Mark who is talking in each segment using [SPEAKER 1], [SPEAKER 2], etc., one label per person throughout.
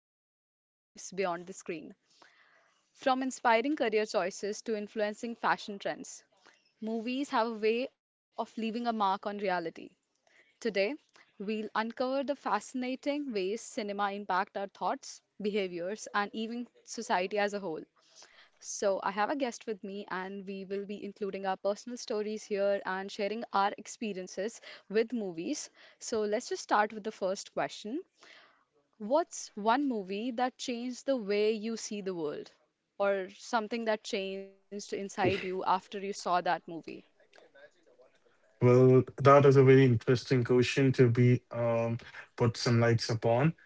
[SPEAKER 1] how they shape our lives beyond the screen. From inspiring career choices to influencing fashion trends, movies have a way of leaving a mark on reality. Today, we'll uncover the fascinating ways cinema impact our thoughts, behaviors, and even society as a whole. So, I have a guest with me, and we will be including our personal stories here and sharing our experiences with movies. So, let's just start with the first question. What's one movie that changed the way you see the world, or something that changed inside you after you saw that movie?
[SPEAKER 2] Well, that is a very interesting question to be put some lights upon.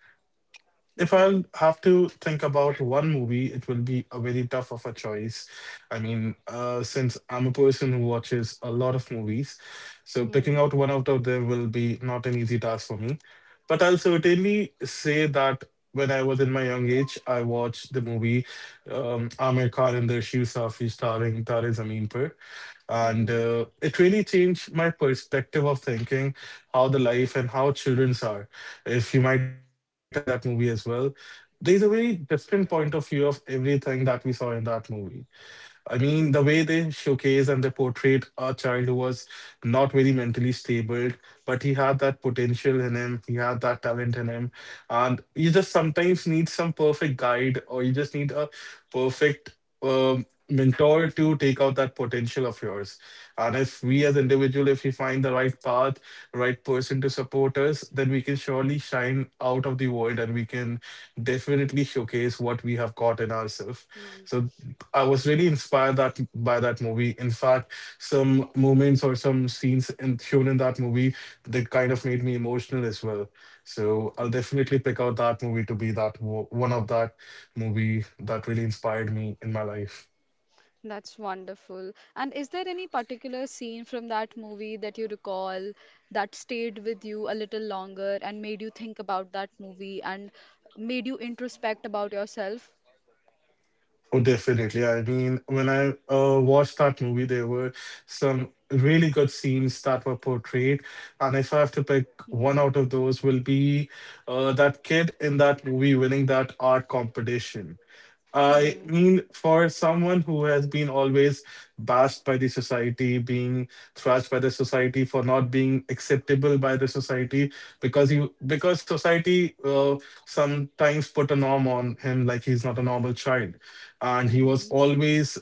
[SPEAKER 2] If
[SPEAKER 1] Mm-hmm.
[SPEAKER 2] I'll have to think about one movie, it will be a very tough of a choice. I mean, since I'm a person who watches a lot of movies, so picking out one out of them will be not an easy task for me. But I'll certainly say that when I was in my young age, I watched the movie Aamir Khan and the Shoe Safi starring Tare Zameen Par, and
[SPEAKER 1] Mm-hmm.
[SPEAKER 2] it really changed my perspective of thinking how the life and how childrens are. If you might have seen that movie as well, there's a very different point of view of everything that we saw in that movie. I mean, the
[SPEAKER 1] Mm-hmm.
[SPEAKER 2] way they showcase and they portrayed a child who was not very mentally stable, but he had that potential in him, he had that talent in him. And you just sometimes need some perfect guide, or you just need a perfect mentor to take out that potential of yours. And if we as
[SPEAKER 1] Mm-hmm.
[SPEAKER 2] individual, if we find the right path, right person to support us, then we can surely shine out of the world and we can definitely showcase what we have got in ourselves. So.
[SPEAKER 1] Mm-hmm.
[SPEAKER 2] I was really inspired that by that movie. In fact, some moments or some scenes in, shown in that movie that kind of made me emotional as well. So I'll definitely pick out that movie to be that one of that movie that really inspired me in my life.
[SPEAKER 1] That's wonderful. And is there any particular scene from that movie that you recall that stayed with you a little longer and made you think about that movie and made you introspect about yourself?
[SPEAKER 2] Oh, definitely. I mean, when I watched that movie, there were some really good scenes that were portrayed, and if I have to pick
[SPEAKER 1] Mm-hmm.
[SPEAKER 2] one out of those, will be that kid in that movie winning that art competition. I
[SPEAKER 1] Mm-hmm.
[SPEAKER 2] mean, for someone who has been always bashed by the society, being thrashed by the society for not being acceptable by the society, because society sometimes put a norm on him, like he's not a normal child, and he was
[SPEAKER 1] Mm-hmm.
[SPEAKER 2] always,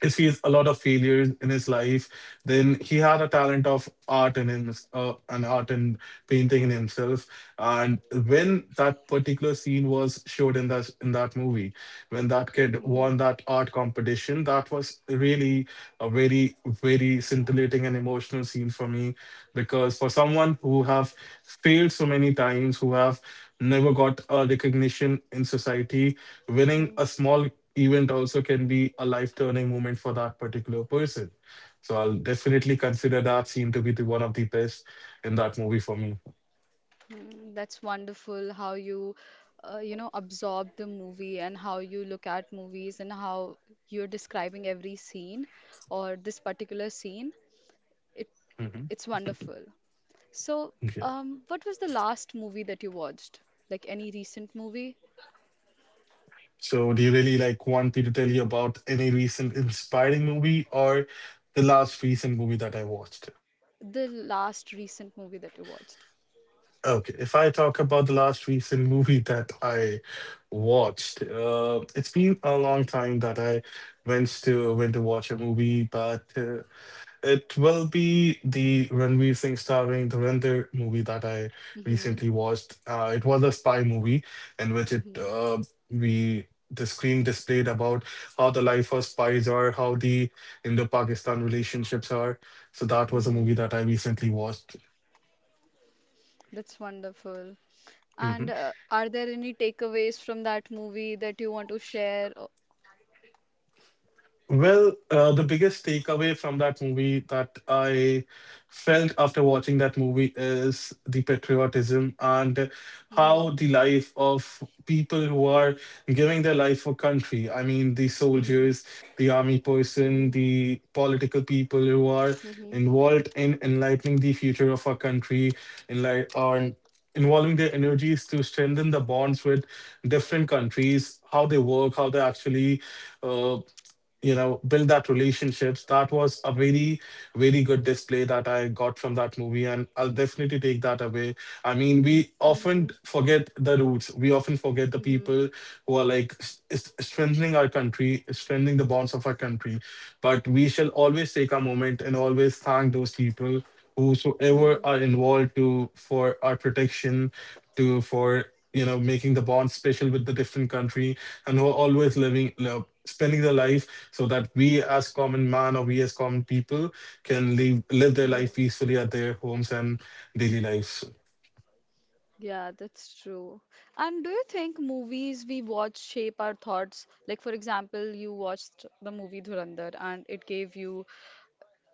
[SPEAKER 2] if he's a lot of failures in his life, then he had a talent of art in him, an art and painting in himself. And when that particular scene was showed in that movie, when that kid won
[SPEAKER 1] Mm-hmm.
[SPEAKER 2] that art competition, that was really a very very scintillating and emotional scene for me, because for someone who have failed so many times, who have never got a recognition in society, winning a small event also can be a life turning moment for that particular person. So I'll definitely consider that scene to be the one of the best in that movie for me.
[SPEAKER 1] Mm-hmm. That's wonderful how you, you know, absorb the movie and how you look at movies and how you're describing every scene or this particular scene. It
[SPEAKER 2] Hmm.
[SPEAKER 1] it's wonderful. So,
[SPEAKER 2] Yeah.
[SPEAKER 1] what was the last movie that you watched? Like any recent movie?
[SPEAKER 2] So do you really like want me to tell you about any recent inspiring movie or the last recent movie that I watched?
[SPEAKER 1] The last recent movie that you watched.
[SPEAKER 2] Okay, if I talk about the last recent movie that I watched, it's been a long time that I went to watch a movie, but it will be the Ranveer Singh starring Dhurandhar movie that I
[SPEAKER 1] Mm-hmm.
[SPEAKER 2] recently watched. It was a spy movie in which it
[SPEAKER 1] Mm-hmm.
[SPEAKER 2] we the screen displayed about how the life of spies are, how the Indo-Pakistan relationships are. So that was a movie
[SPEAKER 1] Hmm.
[SPEAKER 2] that I recently watched.
[SPEAKER 1] That's wonderful.
[SPEAKER 2] Mhm.
[SPEAKER 1] And are there any takeaways from that movie that you want to share, or?
[SPEAKER 2] Well, the biggest takeaway from that movie that I felt after watching that movie is the patriotism and
[SPEAKER 1] Mm-hmm.
[SPEAKER 2] how the life of people who are giving their life for country. I mean, the
[SPEAKER 1] Mm-hmm.
[SPEAKER 2] soldiers, the army person, the political people who are
[SPEAKER 1] Hmm.
[SPEAKER 2] involved in enlightening the future of our country, enlight or involving their energies to strengthen the bonds with different countries, how they work, how they actually uh, build that relationships. That was a very very good display that I got from that movie, and I'll definitely take that away. I mean, we often
[SPEAKER 1] Hmm.
[SPEAKER 2] forget the roots, we often forget the
[SPEAKER 1] Hmm.
[SPEAKER 2] people who are like strengthening our country, strengthening the bonds of our country, but we shall always take a moment and always thank those people whosoever are involved to for our protection, to for making the bond special with the different country, and who are always living, spending their life so that we as common man or we as common people can live their
[SPEAKER 1] Hmm.
[SPEAKER 2] life peacefully at their homes and daily lives.
[SPEAKER 1] Yeah, that's true. And do you think movies we watch shape our thoughts? Like, for example, you watched the movie Dhurandhar and it gave you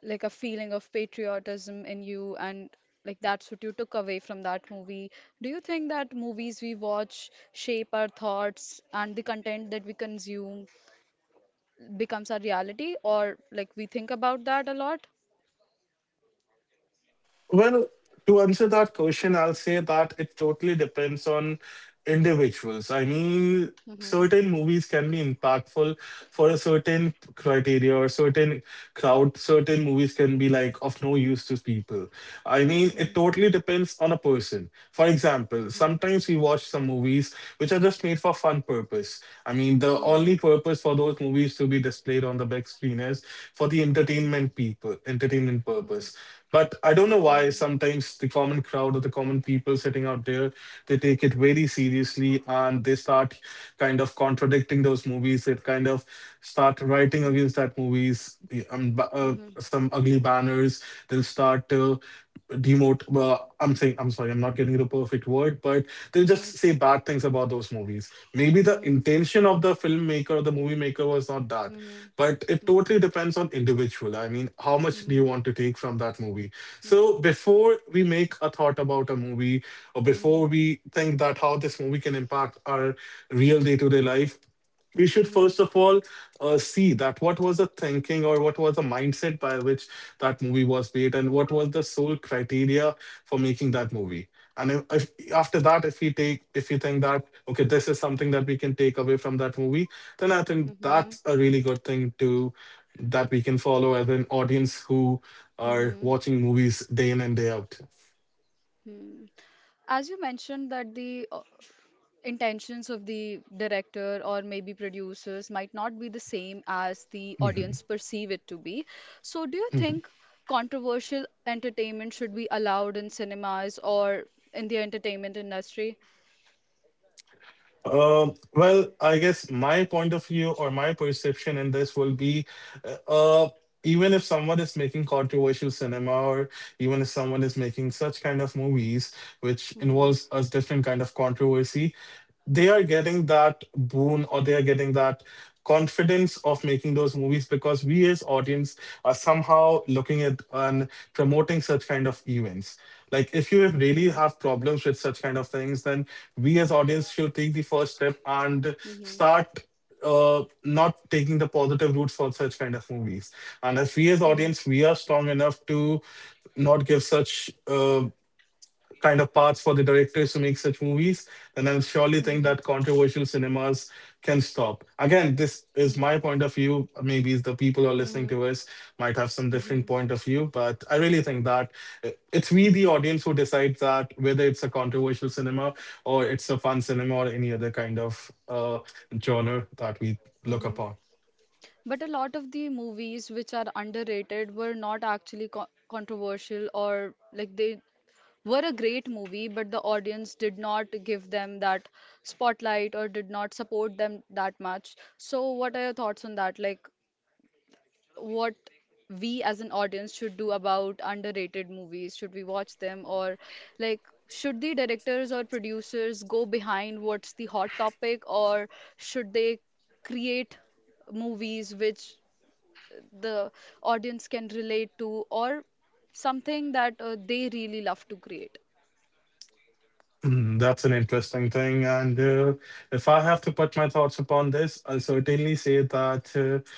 [SPEAKER 1] like a feeling of patriotism in you, and like that's what you took away from that movie. Do you think that movies we watch shape our thoughts and the content that we consume becomes our reality, or like we think about that a lot?
[SPEAKER 2] Well, to answer that question, I'll say that it totally depends on individuals. I mean,
[SPEAKER 1] Mhm,
[SPEAKER 2] certain movies can be impactful for a certain criteria or certain crowd. Certain movies can be like of no use to people. I mean, it
[SPEAKER 1] mhm,
[SPEAKER 2] totally depends on a person. For example,
[SPEAKER 1] mhm,
[SPEAKER 2] sometimes we watch some movies which are just made for fun purpose. I mean, the
[SPEAKER 1] mhm,
[SPEAKER 2] only purpose for those movies to be displayed on the big screen is for the entertainment people, entertainment
[SPEAKER 1] mhm,
[SPEAKER 2] purpose, but I don't know
[SPEAKER 1] mhm,
[SPEAKER 2] why
[SPEAKER 1] mhm,
[SPEAKER 2] sometimes the common crowd or the common people sitting out there, they take it very seriously and they start kind of contradicting those movies. They kind of start writing against that movies,
[SPEAKER 1] mhm,
[SPEAKER 2] some ugly banners. They'll start demote. Well, I'm saying, I'm sorry, I'm not getting the perfect word, but they'll
[SPEAKER 1] mhm,
[SPEAKER 2] just
[SPEAKER 1] mhm.
[SPEAKER 2] say bad things about those movies. Maybe the
[SPEAKER 1] Mhm.
[SPEAKER 2] intention of the filmmaker or the movie maker was not that,
[SPEAKER 1] Mhm.
[SPEAKER 2] but it
[SPEAKER 1] Mhm.
[SPEAKER 2] totally depends on individual. I mean, how much do you
[SPEAKER 1] Mhm.
[SPEAKER 2] want to take from that movie. So before we make a thought about a movie or
[SPEAKER 1] Mhm.
[SPEAKER 2] before
[SPEAKER 1] Mhm.
[SPEAKER 2] we think that how this movie can impact our real day-to-day life, we should
[SPEAKER 1] Mhm.
[SPEAKER 2] first of all see that what was the thinking or what was the mindset by which that movie was made and what was the sole criteria for making that movie. And if after that, if we think that okay, this is something that we can take away from that movie, then I think
[SPEAKER 1] Mhm.
[SPEAKER 2] that's a really good thing to that we can follow as an audience who are
[SPEAKER 1] Mhm.
[SPEAKER 2] watching movies day in and day out.
[SPEAKER 1] Mhm. As you mentioned that the intentions of the director or maybe producers might not be the same as the
[SPEAKER 2] Mhm.
[SPEAKER 1] audience perceive it to be. So do you think controversial entertainment should be allowed in cinemas or in the entertainment industry?
[SPEAKER 2] Well, I guess my point of view or my perception in this will be uh, uh, even if someone is making controversial cinema or even if someone is making such kind of movies which
[SPEAKER 1] Mm-hmm.
[SPEAKER 2] involves a different kind of controversy, they
[SPEAKER 1] Mm-hmm.
[SPEAKER 2] are getting that boon or they are getting that confidence of making those movies because we as audience are somehow looking at and promoting such kind of events. Like if you really have problems with such kind of things, then we as audience should take the first step and
[SPEAKER 1] Mm-hmm.
[SPEAKER 2] start not taking the positive routes for such kind of movies. And if we as
[SPEAKER 1] Mm-hmm.
[SPEAKER 2] audience we are strong enough to not give such kind of paths for the directors to make such movies, then I surely
[SPEAKER 1] Mm-hmm.
[SPEAKER 2] think that controversial cinemas can stop. Again, this is my point of view. Maybe the people who are listening
[SPEAKER 1] Mm-hmm.
[SPEAKER 2] to us might have some
[SPEAKER 1] Mm-hmm.
[SPEAKER 2] different point of view, but I really think that it's we, the audience, who decides that whether it's a controversial cinema or it's a fun cinema or any other kind of genre that we look
[SPEAKER 1] Mm-hmm.
[SPEAKER 2] upon.
[SPEAKER 1] But a lot of the movies which are underrated were not actually co controversial, or like they were a great movie, but the audience did not give them that spotlight or did not support them that much. So, what are your thoughts on that? Like, what we as an audience should do about underrated movies? Should we watch them, or like should the directors or producers go behind what's the hot topic, or should they create movies which the audience can relate to, or something that they really love to create.
[SPEAKER 2] That's an interesting thing. And if I have to put my thoughts upon this, I'll certainly say that,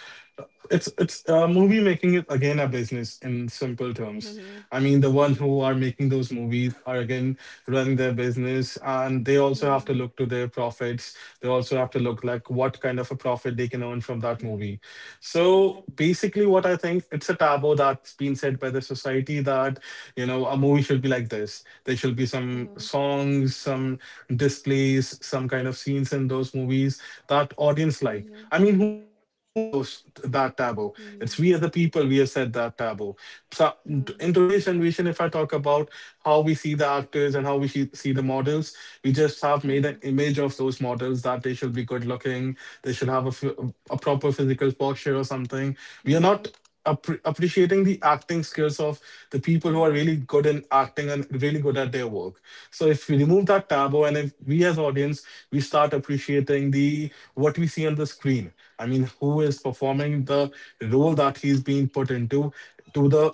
[SPEAKER 2] it's movie making it again a business in simple terms.
[SPEAKER 1] Mm-hmm.
[SPEAKER 2] I mean, the one
[SPEAKER 1] Mm-hmm.
[SPEAKER 2] who are making those movies are again running their business, and they also have to
[SPEAKER 1] Mm-hmm.
[SPEAKER 2] look to their profits, they also have to look like what kind of a profit they can earn from that movie. So basically, what I think it's a taboo that's been set by the society, that a movie should be like this. There should be
[SPEAKER 1] Mhm,
[SPEAKER 2] some
[SPEAKER 1] mhm,
[SPEAKER 2] songs, some displays, some kind of scenes in those movies that audience like. I mean, who has said those that taboo?
[SPEAKER 1] mhm, mhm, mhm,
[SPEAKER 2] It's
[SPEAKER 1] mhm,
[SPEAKER 2] we as the people we have said that taboo. So in today's generation, if I talk about how we see the actors and how we see the models, we just have made an image of those models that they should be good looking, they should have a proper physical posture or something. We are not
[SPEAKER 1] mhm,
[SPEAKER 2] appreciating the acting skills of the people
[SPEAKER 1] mhm,
[SPEAKER 2] who are
[SPEAKER 1] mhm,
[SPEAKER 2] really good in acting and really good at their work. So if we remove that taboo and if we as audience we start appreciating the what we see on the screen. I mean, who is performing the role that he's being put into to the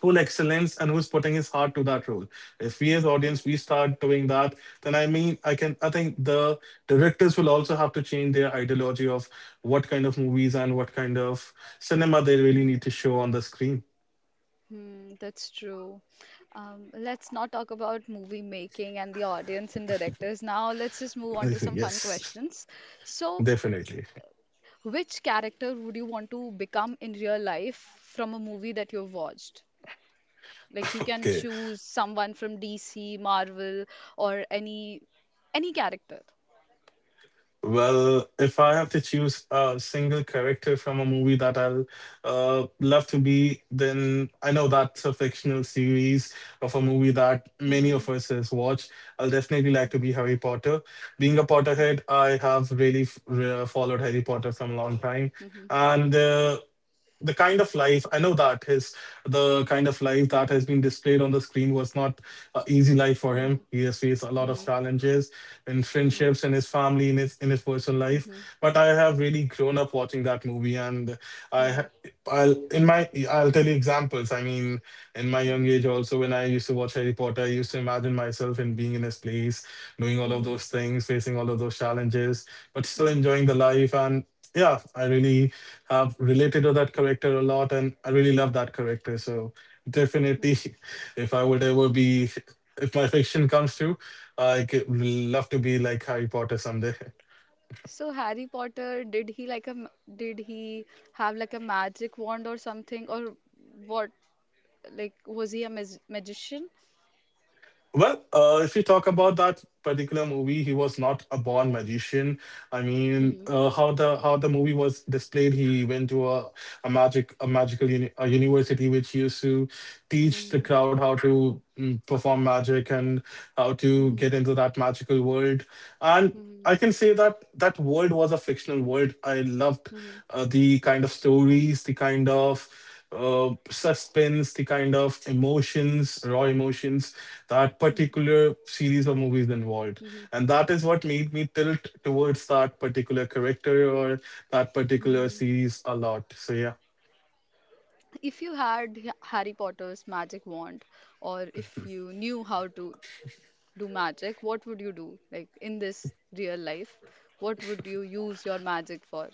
[SPEAKER 2] full excellence, and who's putting his heart to that role? If we as audience we start doing that, then I think the directors will also have to change their ideology of what kind of movies and what kind of cinema they
[SPEAKER 1] mhm,
[SPEAKER 2] really
[SPEAKER 1] mhm.
[SPEAKER 2] need to show on the screen.
[SPEAKER 1] That's true. Let's not talk about movie making and the audience and directors. Now, let's just move
[SPEAKER 2] I
[SPEAKER 1] on to
[SPEAKER 2] think,
[SPEAKER 1] some fun
[SPEAKER 2] yes,
[SPEAKER 1] questions. So,
[SPEAKER 2] definitely.
[SPEAKER 1] which character would you want to become in real life from a movie that you've watched? Like you can
[SPEAKER 2] Okay.
[SPEAKER 1] choose someone from DC, Marvel, or any character.
[SPEAKER 2] Well, if I have to choose a single character from a movie that I'll love to be, then I know that's a fictional series of a movie that
[SPEAKER 1] Mm-hmm.
[SPEAKER 2] many of us has watched. I'll definitely like to be Harry Potter. Being a
[SPEAKER 1] Mm-hmm.
[SPEAKER 2] Potterhead, I have really followed Harry Potter from a long time,
[SPEAKER 1] Mm-hmm.
[SPEAKER 2] and the kind of life i know that his the kind of life that has been displayed on the screen was not an easy life for
[SPEAKER 1] Mm-hmm.
[SPEAKER 2] him. He has faced a lot
[SPEAKER 1] Mm-hmm.
[SPEAKER 2] of challenges in friendships, in his family, in his personal life.
[SPEAKER 1] Mm-hmm. Mm-hmm.
[SPEAKER 2] But I have really grown up watching that movie, and i ha- I'll in my I'll tell you examples. I mean, in my young age also, when I used to watch Harry Potter, I used to imagine myself in being in his place, doing all of
[SPEAKER 1] Mm-hmm.
[SPEAKER 2] those things, facing all of those challenges, but still
[SPEAKER 1] Mm-hmm.
[SPEAKER 2] enjoying the life. And yeah, I really, I have related to that character a lot, and I really love that character. So definitely, if I would ever be, if my fiction comes through, I could love to be like Harry Potter someday.
[SPEAKER 1] So Harry Potter, did he like did he have like a magic wand or something, or what? Like was he a magician?
[SPEAKER 2] Well, if you talk about that particular movie, he was not a born magician. I mean,
[SPEAKER 1] Mm-hmm.
[SPEAKER 2] how the movie was displayed, he went to a magical a university which used to teach the
[SPEAKER 1] Mm-hmm.
[SPEAKER 2] crowd how to perform magic and how to get into that magical world. And I can
[SPEAKER 1] Mm-hmm.
[SPEAKER 2] say that that world was a fictional world. I loved
[SPEAKER 1] Mhm,
[SPEAKER 2] the kind of stories, the kind of suspense, the kind of emotions, raw emotions, that
[SPEAKER 1] mhm,
[SPEAKER 2] particular series or movies involved.
[SPEAKER 1] mhm,
[SPEAKER 2] And that is what made me tilt towards that particular character or that particular
[SPEAKER 1] mhm.
[SPEAKER 2] series a lot. So yeah.
[SPEAKER 1] If you had Harry Potter's magic wand, or if you knew how to do magic, what would you do? Like in this real life, what would you use your magic for?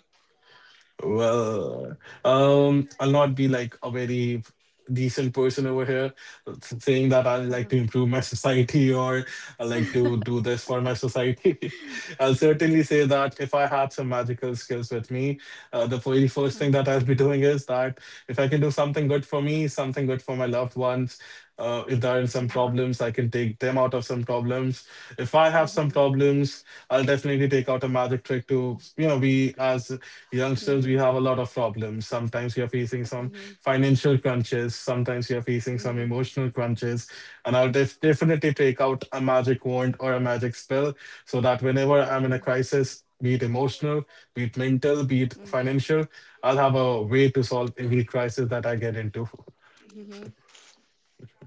[SPEAKER 2] Well, I'll not be like a very decent person over here saying that I like to improve my society or I like to do this for my society. I'll certainly say that if I had some magical skills with me, the very first thing
[SPEAKER 1] Mhm,
[SPEAKER 2] that I'll be doing is that if I can do something good for me, something good for my loved ones, if there are some
[SPEAKER 1] mhm,
[SPEAKER 2] problems, I can take them out of some problems. If I have some
[SPEAKER 1] mhm,
[SPEAKER 2] problems, I'll definitely take out a magic trick to, you know, be as youngsters, we
[SPEAKER 1] mhm,
[SPEAKER 2] have a lot of problems. Sometimes we are facing some
[SPEAKER 1] mhm,
[SPEAKER 2] financial crunches, sometimes we are facing some
[SPEAKER 1] mhm,
[SPEAKER 2] emotional crunches. And I'll definitely take out a magic wand or a magic spell, so that whenever I'm in a
[SPEAKER 1] mhm,
[SPEAKER 2] crisis, be it emotional, be it mental, be it
[SPEAKER 1] mhm,
[SPEAKER 2] financial, I'll have a way to solve every crisis that I get into.
[SPEAKER 1] mhm.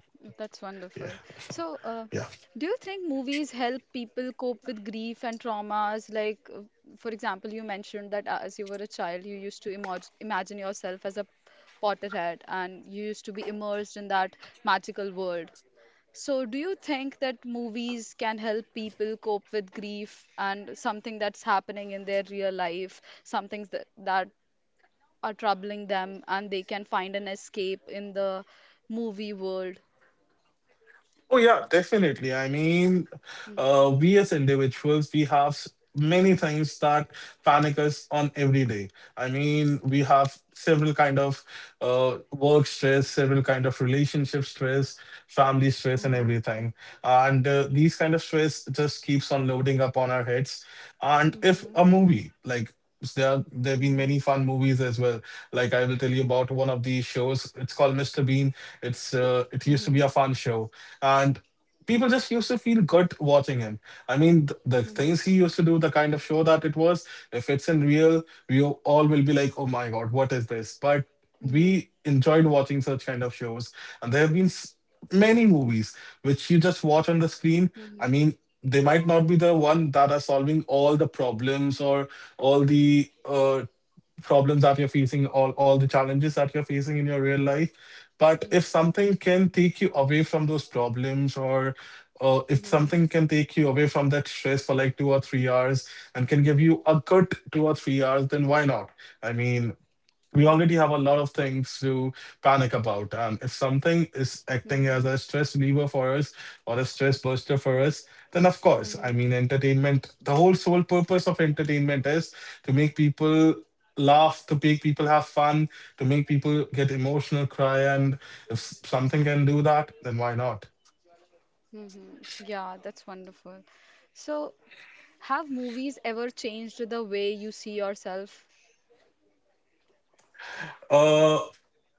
[SPEAKER 1] That's wonderful.
[SPEAKER 2] Yeah.
[SPEAKER 1] So,
[SPEAKER 2] Yeah.
[SPEAKER 1] do you think movies help people cope with grief and traumas? Like, for example, you mentioned that as you were a child, you used to imagine yourself as a Potterhead, and you used to be immersed in that magical world. So, do you think that movies can help people cope with grief and something that's happening in their real life, some things that, are troubling them, and they can find an escape in the movie world?
[SPEAKER 2] Oh, yeah, definitely. I mean,
[SPEAKER 1] Hmm.
[SPEAKER 2] we as individuals, we have many things that panic us on every day. I mean, we have several kind of work stress, several kind of relationship stress, family stress, and
[SPEAKER 1] Mhm.
[SPEAKER 2] everything. And these kind of stress just keeps on loading up on our heads. And if
[SPEAKER 1] Mhm.
[SPEAKER 2] a movie like there are, there have been
[SPEAKER 1] Mhm.
[SPEAKER 2] many fun movies as well. Like I will tell you about one of the shows. It's called Mr. Bean. It's it used to
[SPEAKER 1] Mhm.
[SPEAKER 2] be a fun show, and people just used to feel good watching him. I mean, the
[SPEAKER 1] Mhm.
[SPEAKER 2] things he used to do, the kind of show that it was, if it's in real, we all will be like, oh my God, what is this? But
[SPEAKER 1] Mhm.
[SPEAKER 2] we enjoyed watching such kind of shows. And there have been many movies which you just watch on the screen.
[SPEAKER 1] Mhm.
[SPEAKER 2] I mean, they might not be the one that are solving all the problems or all the problems that you're facing, all the challenges that you're facing in your real life. But if something can take you away from those problems, or if
[SPEAKER 1] Mhm.
[SPEAKER 2] something can take you away from that stress for like 2 or 3 hours and can give you a good 2 or 3 hours, then why not? I mean, we
[SPEAKER 1] Mhm.
[SPEAKER 2] already have a lot of things to panic about. And if something is acting as
[SPEAKER 1] Mhm.
[SPEAKER 2] a stress reliever for us or a stress buster for us, then of course, I
[SPEAKER 1] Mhm.
[SPEAKER 2] mean, entertainment, the whole sole purpose of entertainment is to make people laugh, to make people have fun, to make people get emotional, cry. And if something can do that, then why not?
[SPEAKER 1] Mhm. Yeah, that's wonderful. So, have movies ever changed the way you see yourself?
[SPEAKER 2] Uh,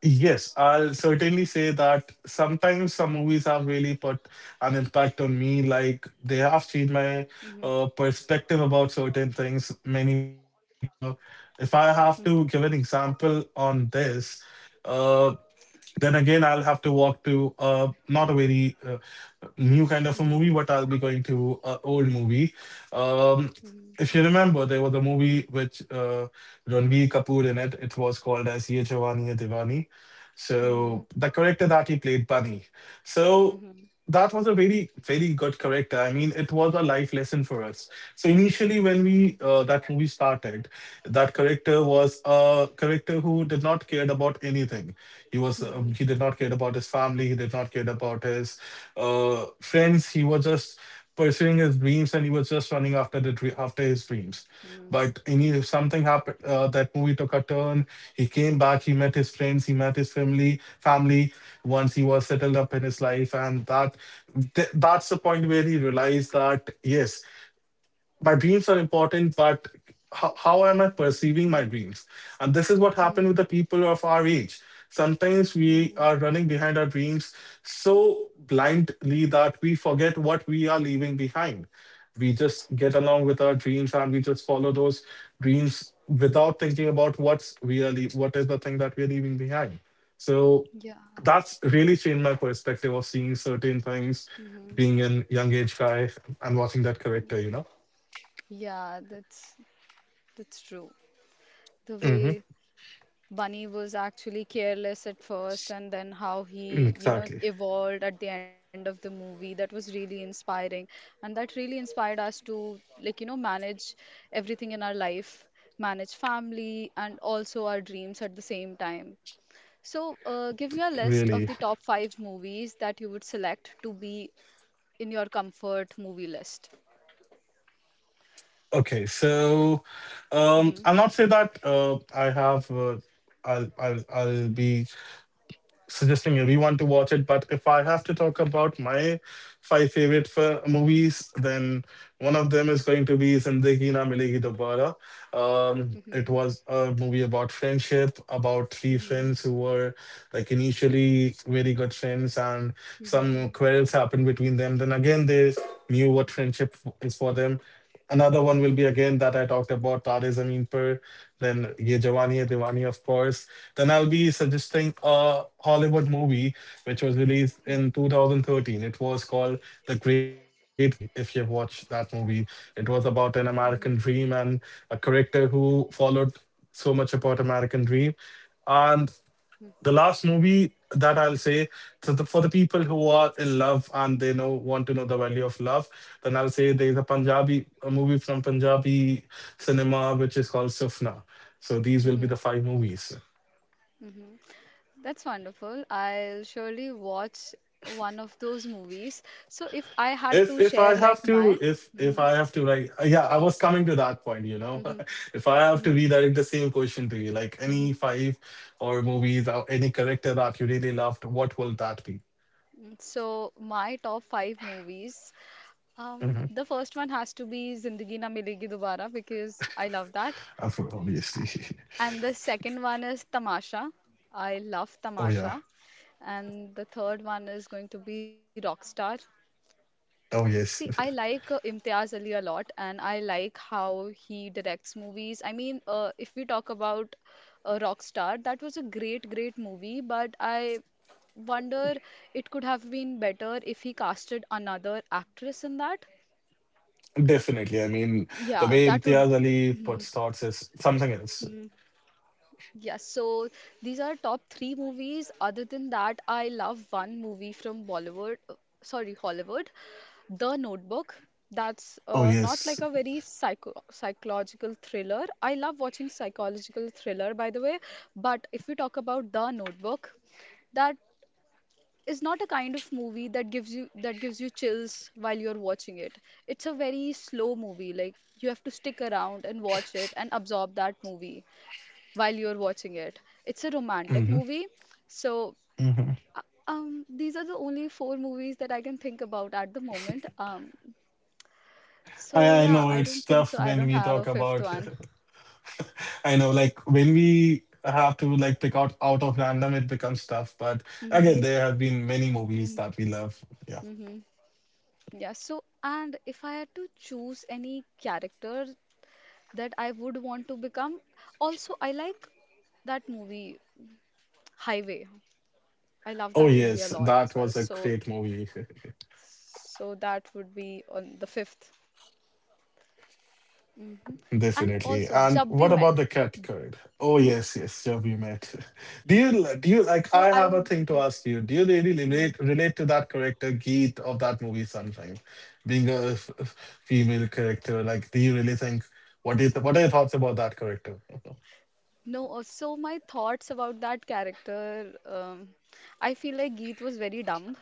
[SPEAKER 2] Yes, I'll certainly say that sometimes some movies have really put an impact on me. Like they have changed my
[SPEAKER 1] Mhm.
[SPEAKER 2] perspective about certain things many times. If I have
[SPEAKER 1] Mhm.
[SPEAKER 2] to give an example on this, uh. Then again, I'll have to walk to not a very new kind of a movie,
[SPEAKER 1] Mhm.
[SPEAKER 2] but I'll be going to an old movie. Um, if you remember, there was a movie which Ranbir Kapoor in it. It was called as Ye Jawani Hai Diwani. So
[SPEAKER 1] Mhm.
[SPEAKER 2] the character that he played, Bunny.
[SPEAKER 1] Mhm.
[SPEAKER 2] So
[SPEAKER 1] Mhm.
[SPEAKER 2] that was a very, very good character. I mean, it was a life lesson for us. So initially, when we that movie started, that character was a character who did not care about anything. He was
[SPEAKER 1] Mhm.
[SPEAKER 2] he did not care about his family. He did not care about his friends. He was just pursuing his dreams, and he was just running after the after his dreams.
[SPEAKER 1] Mhm.
[SPEAKER 2] But any something happened. That movie took a turn. He came back. He met his friends. He met his family. Once he was settled up in his life, and that that's the point where he realized that yes, my dreams are important, but how am I perceiving my
[SPEAKER 1] Mhm.
[SPEAKER 2] dreams? And this is what
[SPEAKER 1] Mhm.
[SPEAKER 2] happened with the people of our age. Sometimes we
[SPEAKER 1] Mhm.
[SPEAKER 2] are running behind our dreams so blindly that we forget what we are leaving behind. We just get along with our dreams, and we just follow those dreams without thinking about what's really, what is the thing that we're leaving behind. So
[SPEAKER 1] Yeah.
[SPEAKER 2] that's really changed my perspective of seeing certain things,
[SPEAKER 1] Mhm.
[SPEAKER 2] being a young age guy and watching that character, you know.
[SPEAKER 1] Yeah, that's true. The
[SPEAKER 2] Hmm.
[SPEAKER 1] way Bunny was actually careless at first, and then how he, you know,
[SPEAKER 2] Exactly.
[SPEAKER 1] evolved at the end of the movie. That was really inspiring. And that really inspired us to, like, you know, manage everything in our life, manage family, and also our dreams at the same time. So, give me a list of
[SPEAKER 2] Really.
[SPEAKER 1] the top five movies that you would select to be in your comfort movie list.
[SPEAKER 2] Okay. So,
[SPEAKER 1] Mm-hmm.
[SPEAKER 2] I'll not say that I have. I'll be suggesting everyone to watch it. But if I have to talk about my five favorite movies, then one of them is going to be Zindagi Na Milegi Dobara. It
[SPEAKER 1] Mm-hmm.
[SPEAKER 2] was a movie about friendship, about three
[SPEAKER 1] Mm-hmm.
[SPEAKER 2] friends who were like initially very good friends, and
[SPEAKER 1] Mm-hmm.
[SPEAKER 2] some quarrels happened between them. Then again, they knew what friendship is for them. Another one will be again that I talked about, Tare Zameen Par, then Ye Jawani Hai Diwani, of course, then I'll be suggesting a Hollywood movie which was released
[SPEAKER 1] Mm-hmm.
[SPEAKER 2] in 2013. It was called The Great Gatsby. If you've watched that movie, it was about an
[SPEAKER 1] Mm-hmm.
[SPEAKER 2] American dream, and a character who followed so much about American dream. And
[SPEAKER 1] Mm-hmm.
[SPEAKER 2] the last movie that I'll say, so the, for the people who are in love and they know want to know the value of love, then I'll say there's a Punjabi a movie from Punjabi cinema which is called Sufna. So these will be
[SPEAKER 1] Mm-hmm.
[SPEAKER 2] the five movies.
[SPEAKER 1] Mm-hmm. That's wonderful. I'll surely watch one of those movies. So if I had
[SPEAKER 2] if
[SPEAKER 1] to
[SPEAKER 2] if
[SPEAKER 1] share
[SPEAKER 2] i have
[SPEAKER 1] like my
[SPEAKER 2] to if if
[SPEAKER 1] Mhm,
[SPEAKER 2] i have to like yeah, I was coming to that point, you know.
[SPEAKER 1] mhm,
[SPEAKER 2] If I have to
[SPEAKER 1] mhm,
[SPEAKER 2] redirect the same question to you, like
[SPEAKER 1] mhm.
[SPEAKER 2] any five or movies or any character that you really loved, what will that be?
[SPEAKER 1] Mm, so my top five movies.
[SPEAKER 2] Mm-hmm.
[SPEAKER 1] The first one has to be Zindagi Na Milegi Dobara because I love that.
[SPEAKER 2] Obviously.
[SPEAKER 1] And the second one is Tamasha. I love
[SPEAKER 2] Oh yeah.
[SPEAKER 1] Tamasha. And the third one is going to be Rockstar.
[SPEAKER 2] Oh
[SPEAKER 1] See, I
[SPEAKER 2] yes.
[SPEAKER 1] like Imtiaz Ali a lot, and I like how he directs movies. I mean, if we talk about Rockstar, that was a great movie, but I wonder it could have been better if he casted another actress in that.
[SPEAKER 2] Definitely, I mean, the
[SPEAKER 1] Yeah,
[SPEAKER 2] way
[SPEAKER 1] that would.
[SPEAKER 2] Imtiaz Ali
[SPEAKER 1] Mhm.
[SPEAKER 2] puts thoughts is something else.
[SPEAKER 1] Yes, so these are top three movies. Other than that, I love one movie from Bollywood, sorry, Hollywood, The Notebook. That's
[SPEAKER 2] Oh
[SPEAKER 1] not like
[SPEAKER 2] yes.
[SPEAKER 1] a very psychological thriller. I love watching psychological thriller, by the way, but if we talk about The Notebook, that is not a kind of movie that gives you chills while you're watching it. It's a very slow movie. Like you have to stick around and watch it and absorb that movie while you're watching it. It's a romantic
[SPEAKER 2] Hmm.
[SPEAKER 1] movie. So,
[SPEAKER 2] Hmm.
[SPEAKER 1] uh, these are the only four movies that I can think about at the moment.
[SPEAKER 2] I,
[SPEAKER 1] So
[SPEAKER 2] I
[SPEAKER 1] yeah,
[SPEAKER 2] know
[SPEAKER 1] I
[SPEAKER 2] it's
[SPEAKER 1] don't think so.
[SPEAKER 2] tough
[SPEAKER 1] I
[SPEAKER 2] when
[SPEAKER 1] don't
[SPEAKER 2] we
[SPEAKER 1] have a
[SPEAKER 2] talk
[SPEAKER 1] fifth
[SPEAKER 2] about.
[SPEAKER 1] one.
[SPEAKER 2] I know, like when we have to like pick out out of random, it becomes tough. But
[SPEAKER 1] Mm-hmm.
[SPEAKER 2] again, there have been many
[SPEAKER 1] Mm-hmm.
[SPEAKER 2] movies that we love. Yeah.
[SPEAKER 1] Mm-hmm. Yeah, so and if I had to choose any character that I would want to become, also I like that movie Highway. I love
[SPEAKER 2] Oh
[SPEAKER 1] that movie a
[SPEAKER 2] yes,
[SPEAKER 1] lot as
[SPEAKER 2] that
[SPEAKER 1] well.
[SPEAKER 2] was a
[SPEAKER 1] So
[SPEAKER 2] great movie.
[SPEAKER 1] so that would be on the fifth. Hmm. And
[SPEAKER 2] Definitely.
[SPEAKER 1] also,
[SPEAKER 2] And
[SPEAKER 1] Jab We
[SPEAKER 2] what about
[SPEAKER 1] Met.
[SPEAKER 2] the cat card? Oh yes, yes, yeah, we met. Do you, do you
[SPEAKER 1] So I
[SPEAKER 2] like? I
[SPEAKER 1] would,
[SPEAKER 2] have a thing to ask you. Do you really
[SPEAKER 1] mm,
[SPEAKER 2] relate to that character Geet of that movie sometime, being a female character? Like, do you really think, what is, what are your thoughts about that character?
[SPEAKER 1] no. So my thoughts about that character, I feel like Geet was very dumb.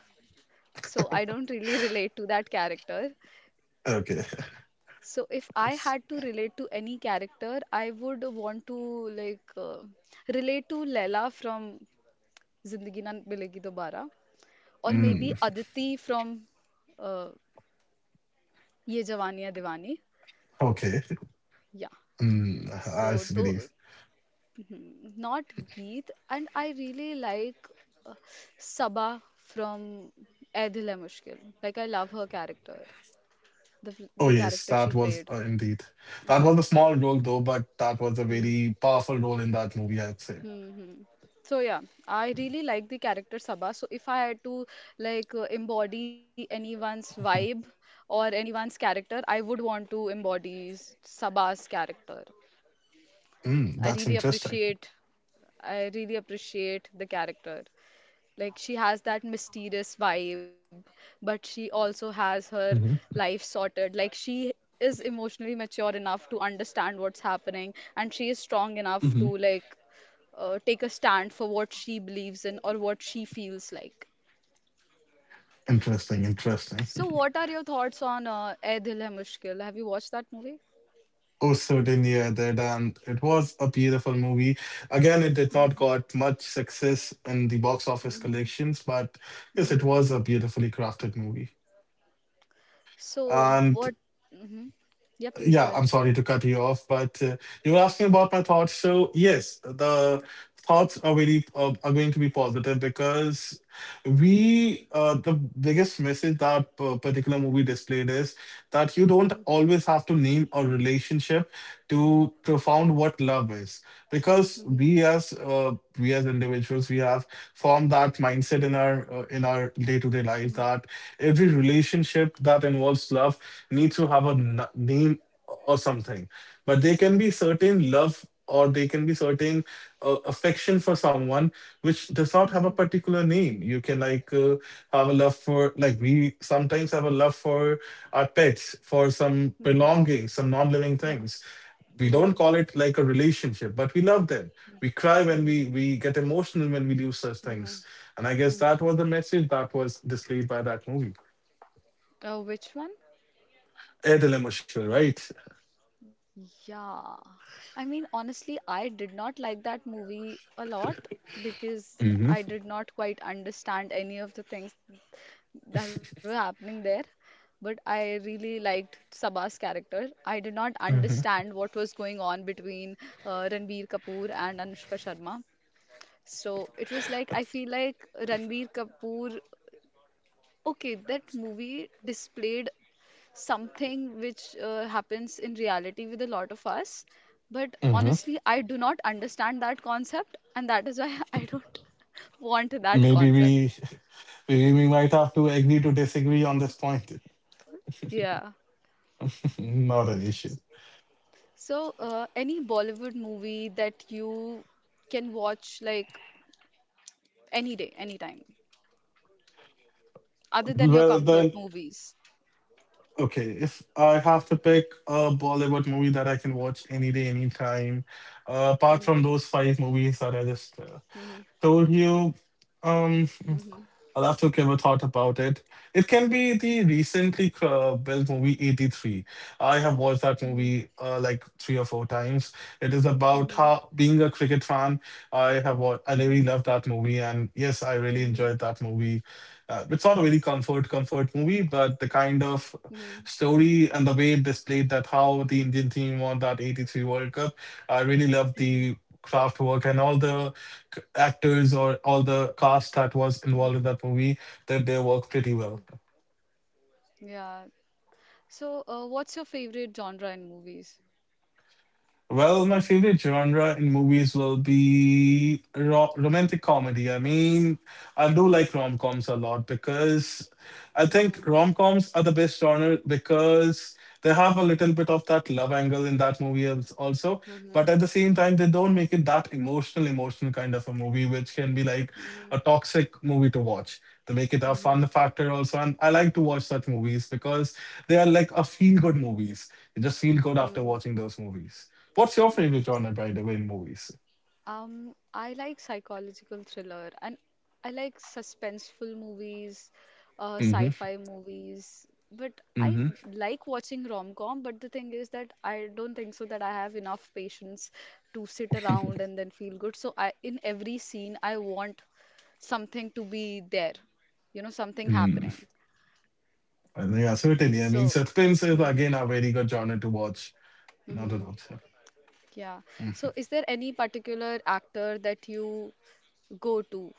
[SPEAKER 1] So I don't really relate to that character.
[SPEAKER 2] Okay.
[SPEAKER 1] So if I had to relate to any character, I would want to like relate to Laila from Zindagi Na Milegi Dobara, or maybe
[SPEAKER 2] Mm.
[SPEAKER 1] Aditi from uh, Ye Jawaniya Diwani.
[SPEAKER 2] Okay.
[SPEAKER 1] Yeah.
[SPEAKER 2] Mm,
[SPEAKER 1] So though
[SPEAKER 2] believe.
[SPEAKER 1] Mhm. Not Geet, and I really like uh, Sabah from Eh Dil Hai Mushkil. Like I love her character,
[SPEAKER 2] Oh,
[SPEAKER 1] the
[SPEAKER 2] yes,
[SPEAKER 1] character she
[SPEAKER 2] that was
[SPEAKER 1] played.
[SPEAKER 2] indeed. That was a small role, though, but that was a
[SPEAKER 1] Hmm.
[SPEAKER 2] very powerful role in that movie, I'd say.
[SPEAKER 1] Hmm. Hmm. So yeah, I really like the character Sabah. So if I had to like embody anyone's vibe or anyone's character, I would want to embody Sabah's character.
[SPEAKER 2] Mm,
[SPEAKER 1] I
[SPEAKER 2] that's
[SPEAKER 1] really
[SPEAKER 2] interesting.
[SPEAKER 1] appreciate. I really appreciate the character. Like she has that mysterious vibe, but she also has her
[SPEAKER 2] Hmm.
[SPEAKER 1] life sorted. Like she is emotionally mature enough to understand what's happening, and she is strong enough
[SPEAKER 2] Hmm.
[SPEAKER 1] to like take a stand for what she believes in or what she feels like.
[SPEAKER 2] Interesting, interesting.
[SPEAKER 1] So, what are your thoughts on ए दिल है मुश्किल? Have you watched that movie?
[SPEAKER 2] Oh, certainly, I did. And it was a beautiful movie. Again, it did not
[SPEAKER 1] Hmm.
[SPEAKER 2] got much success in the box office
[SPEAKER 1] Hmm.
[SPEAKER 2] collections, but yes,
[SPEAKER 1] Hmm.
[SPEAKER 2] it was a beautifully crafted movie.
[SPEAKER 1] So,
[SPEAKER 2] And
[SPEAKER 1] what? Hmm. Yeah, please go
[SPEAKER 2] Yeah,
[SPEAKER 1] ahead.
[SPEAKER 2] I'm sorry to cut you off, but you were asking about my thoughts. So yes, the thoughts are very are going to be positive because we the biggest message that particular movie displayed is that you don't
[SPEAKER 1] Hmm.
[SPEAKER 2] always have to name a relationship to profound what love is, because
[SPEAKER 1] Hmm.
[SPEAKER 2] we as individuals, we have formed that mindset in our day to day
[SPEAKER 1] Hmm.
[SPEAKER 2] life that every relationship that involves love needs to have a name or something. But they can be certain love, or they can be certain affection for someone which does not
[SPEAKER 1] Hmm.
[SPEAKER 2] have a particular name. You can like have a love for, like we sometimes have a love for our pets, for some
[SPEAKER 1] Hmm.
[SPEAKER 2] belongings, some non-living
[SPEAKER 1] Hmm.
[SPEAKER 2] things. We don't
[SPEAKER 1] Mm-hmm.
[SPEAKER 2] call it like a relationship, but we love them. We cry, when
[SPEAKER 1] Mm-hmm.
[SPEAKER 2] we get emotional when we lose such
[SPEAKER 1] Mm-hmm.
[SPEAKER 2] things. And I guess that was the message that was displayed by that movie.
[SPEAKER 1] Which one?
[SPEAKER 2] Air Dilemma, right?
[SPEAKER 1] Yeah. I mean, honestly, I did not like that movie a lot because I
[SPEAKER 2] Mm-hmm.
[SPEAKER 1] did not quite understand any of the things that were happening there. But I really liked Sabah's character. I did not
[SPEAKER 2] Mm-hmm.
[SPEAKER 1] understand what was going on between Ranbir Kapoor and Anushka Sharma. So it was like, I feel like Ranbir Kapoor, okay, that movie displayed something which happens in reality with a lot of us. But honestly, I do not understand that concept, and that is why I don't want that
[SPEAKER 2] Maybe
[SPEAKER 1] concept.
[SPEAKER 2] we we might have to agree to disagree on this point.
[SPEAKER 1] Yeah.
[SPEAKER 2] Not an issue.
[SPEAKER 1] So, any Bollywood movie that you can watch like any day, anytime, other than your
[SPEAKER 2] Well
[SPEAKER 1] comfort
[SPEAKER 2] then,
[SPEAKER 1] movies?
[SPEAKER 2] okay. If I have to pick a Bollywood movie that I can watch any day, anytime, apart
[SPEAKER 1] Mhm,
[SPEAKER 2] from those five movies that I just
[SPEAKER 1] mhm,
[SPEAKER 2] told you, um.
[SPEAKER 1] mhm,
[SPEAKER 2] That's okay. We thought about it. It can be the recently built movie 83. I have watched that
[SPEAKER 1] mhm,
[SPEAKER 2] movie like three or four times. It is about
[SPEAKER 1] mhm,
[SPEAKER 2] how being a cricket fan. I
[SPEAKER 1] mhm,
[SPEAKER 2] really
[SPEAKER 1] mhm,
[SPEAKER 2] love that movie. And yes, I really
[SPEAKER 1] mhm,
[SPEAKER 2] enjoyed that movie. It's not a really comfort movie, but the kind of story and the way it displayed that how the
[SPEAKER 1] mhm,
[SPEAKER 2] Indian team won that 83 World Cup. I really love
[SPEAKER 1] mhm,
[SPEAKER 2] the craft work and all the actors, or all the cast that was
[SPEAKER 1] mhm,
[SPEAKER 2] involved in that movie, did their work pretty
[SPEAKER 1] mhm.
[SPEAKER 2] well.
[SPEAKER 1] Yeah. So, what's your favorite genre in movies?
[SPEAKER 2] Well, my favorite genre in movies will be romantic comedy. I mean, I do like rom-coms a lot because I
[SPEAKER 1] Mm-hmm.
[SPEAKER 2] think rom-coms are the best genre because they have a little bit of that love angle in that movie also.
[SPEAKER 1] Mm-hmm.
[SPEAKER 2] But at the same time, they don't make it that emotional kind of a movie, which can be like
[SPEAKER 1] Mm-hmm.
[SPEAKER 2] a toxic movie to watch. They make it a
[SPEAKER 1] Mm-hmm.
[SPEAKER 2] fun factor also. And I like to watch such movies because they are like a feel-good movies. You just feel good after
[SPEAKER 1] Mm-hmm.
[SPEAKER 2] watching those movies. What's your favorite genre, by the way, in movies?
[SPEAKER 1] I like psychological thriller and I like suspenseful movies,
[SPEAKER 2] Hmm
[SPEAKER 1] sci-fi movies. But I
[SPEAKER 2] hmm
[SPEAKER 1] like watching rom-com, but the thing is that I don't think so that I have enough patience to sit around and then feel good. So I, in every scene, I want something to be there, you know, something
[SPEAKER 2] Mm.
[SPEAKER 1] happening.
[SPEAKER 2] I think, yeah, certainly. I mean,
[SPEAKER 1] So,
[SPEAKER 2] suspense is
[SPEAKER 1] hmm,
[SPEAKER 2] again a very good genre to watch. Not a
[SPEAKER 1] hmm,
[SPEAKER 2] doubt.
[SPEAKER 1] yeah. So, is there any particular actor that you go to?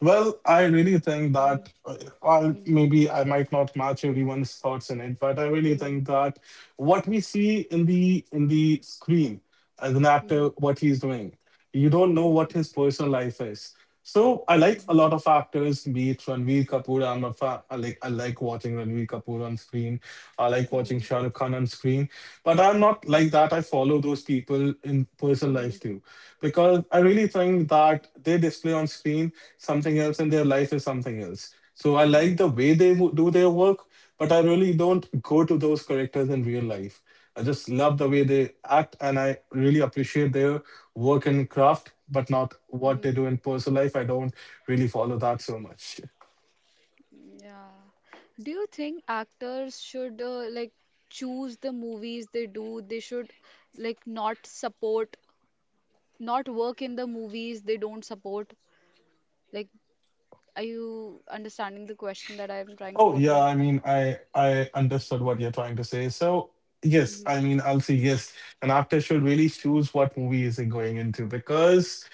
[SPEAKER 2] Well, I really think
[SPEAKER 1] Hmm.
[SPEAKER 2] that, while
[SPEAKER 1] Hmm.
[SPEAKER 2] maybe I might not match everyone's thoughts in it, but I really
[SPEAKER 1] Hmm.
[SPEAKER 2] think that what we see in the screen as an
[SPEAKER 1] Hmm.
[SPEAKER 2] actor, what he's doing, you don't know what
[SPEAKER 1] Hmm.
[SPEAKER 2] his personal life is. So I
[SPEAKER 1] Hmm.
[SPEAKER 2] like a lot of actors, be it Ranveer Kapoor. I'm a fan. I like watching Ranveer Kapoor on screen. I like watching
[SPEAKER 1] Hmm.
[SPEAKER 2] Shah Rukh Khan on screen. But I'm not
[SPEAKER 1] Hmm.
[SPEAKER 2] like that. I follow those people in personal
[SPEAKER 1] Hmm.
[SPEAKER 2] life too, because I really think that they display on screen something else and their life is something else. So I like
[SPEAKER 1] Hmm.
[SPEAKER 2] the way they do their work, but I really don't go to those characters in real life. I just love the way
[SPEAKER 1] Hmm.
[SPEAKER 2] they act, and I really appreciate their work and craft, but not what they
[SPEAKER 1] Hmm.
[SPEAKER 2] do in personal life. I don't really follow that so much.
[SPEAKER 1] Yeah. Do you think actors should like choose the movies they do? They should like not support, not work in the movies they don't support. Like, are you understanding the question that I'm trying to
[SPEAKER 2] Oh yeah,
[SPEAKER 1] portray?
[SPEAKER 2] I mean, I understood what you're trying to say. So yes, I
[SPEAKER 1] Mm-hmm.
[SPEAKER 2] mean, I'll say yes. An actor should really choose what movie is it going into, because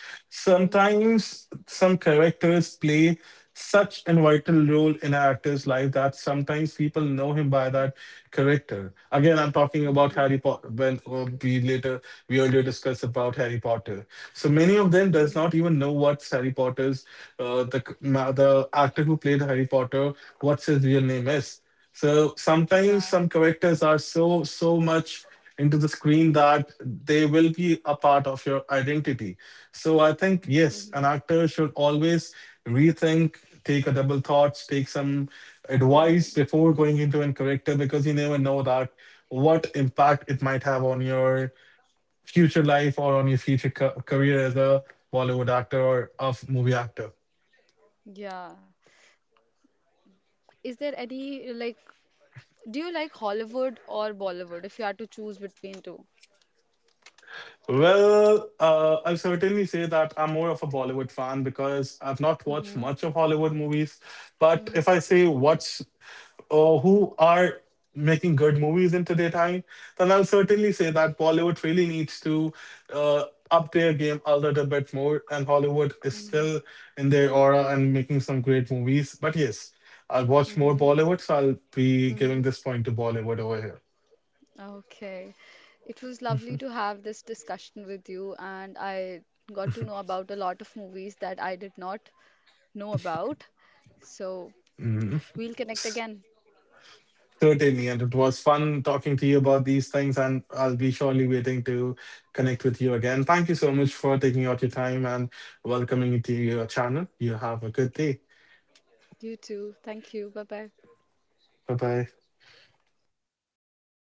[SPEAKER 1] Mm-hmm.
[SPEAKER 2] sometimes some characters play such an vital role in an actor's life that sometimes people know him by that character. Again, I'm talking about
[SPEAKER 1] Mm-hmm.
[SPEAKER 2] Harry Potter. When we later We earlier discussed about Harry Potter. So many of them
[SPEAKER 1] Mm-hmm.
[SPEAKER 2] does not even know what's Harry Potter's the actor who played Harry Potter, what's his real name is. So sometimes
[SPEAKER 1] Yeah.
[SPEAKER 2] some characters are so much into the screen that they will be a part of your identity. So I think
[SPEAKER 1] Mm-hmm.
[SPEAKER 2] yes, an actor should always rethink, take a double thoughts, take some advice
[SPEAKER 1] Mm-hmm.
[SPEAKER 2] before going into a character, because you never know that what impact it might have on your future life, or on your future career as a Bollywood actor or a movie actor.
[SPEAKER 1] Yeah. Is there any like do you like Hollywood or Bollywood if you had to choose between two?
[SPEAKER 2] Well, I'll certainly say that I'm more of a Bollywood fan because I've not
[SPEAKER 1] Mm-hmm.
[SPEAKER 2] watched much of Hollywood movies.
[SPEAKER 1] Mm-hmm.
[SPEAKER 2] But if I say what's who are making good movies in today time, then I'll
[SPEAKER 1] Mm-hmm.
[SPEAKER 2] certainly say that Bollywood really needs to uh, up their game a little bit more, and Hollywood is
[SPEAKER 1] Mm-hmm.
[SPEAKER 2] still in their aura and making some great movies. But yes, I'll watch more
[SPEAKER 1] Mm-hmm.
[SPEAKER 2] Bollywood, so I'll be giving
[SPEAKER 1] Mm-hmm.
[SPEAKER 2] this point to Bollywood over here.
[SPEAKER 1] Okay. It was lovely to have this discussion with you, and I got to know about a lot of movies that I did not know about. So,
[SPEAKER 2] Mhm.
[SPEAKER 1] we'll connect again.
[SPEAKER 2] Certainly, and it was fun talking to you about these things, and I'll be surely waiting to connect with you again. Thank you so much for taking out your time and welcoming me to your channel. You have a good day.
[SPEAKER 1] You too. Thank you. Bye bye.
[SPEAKER 2] Bye bye.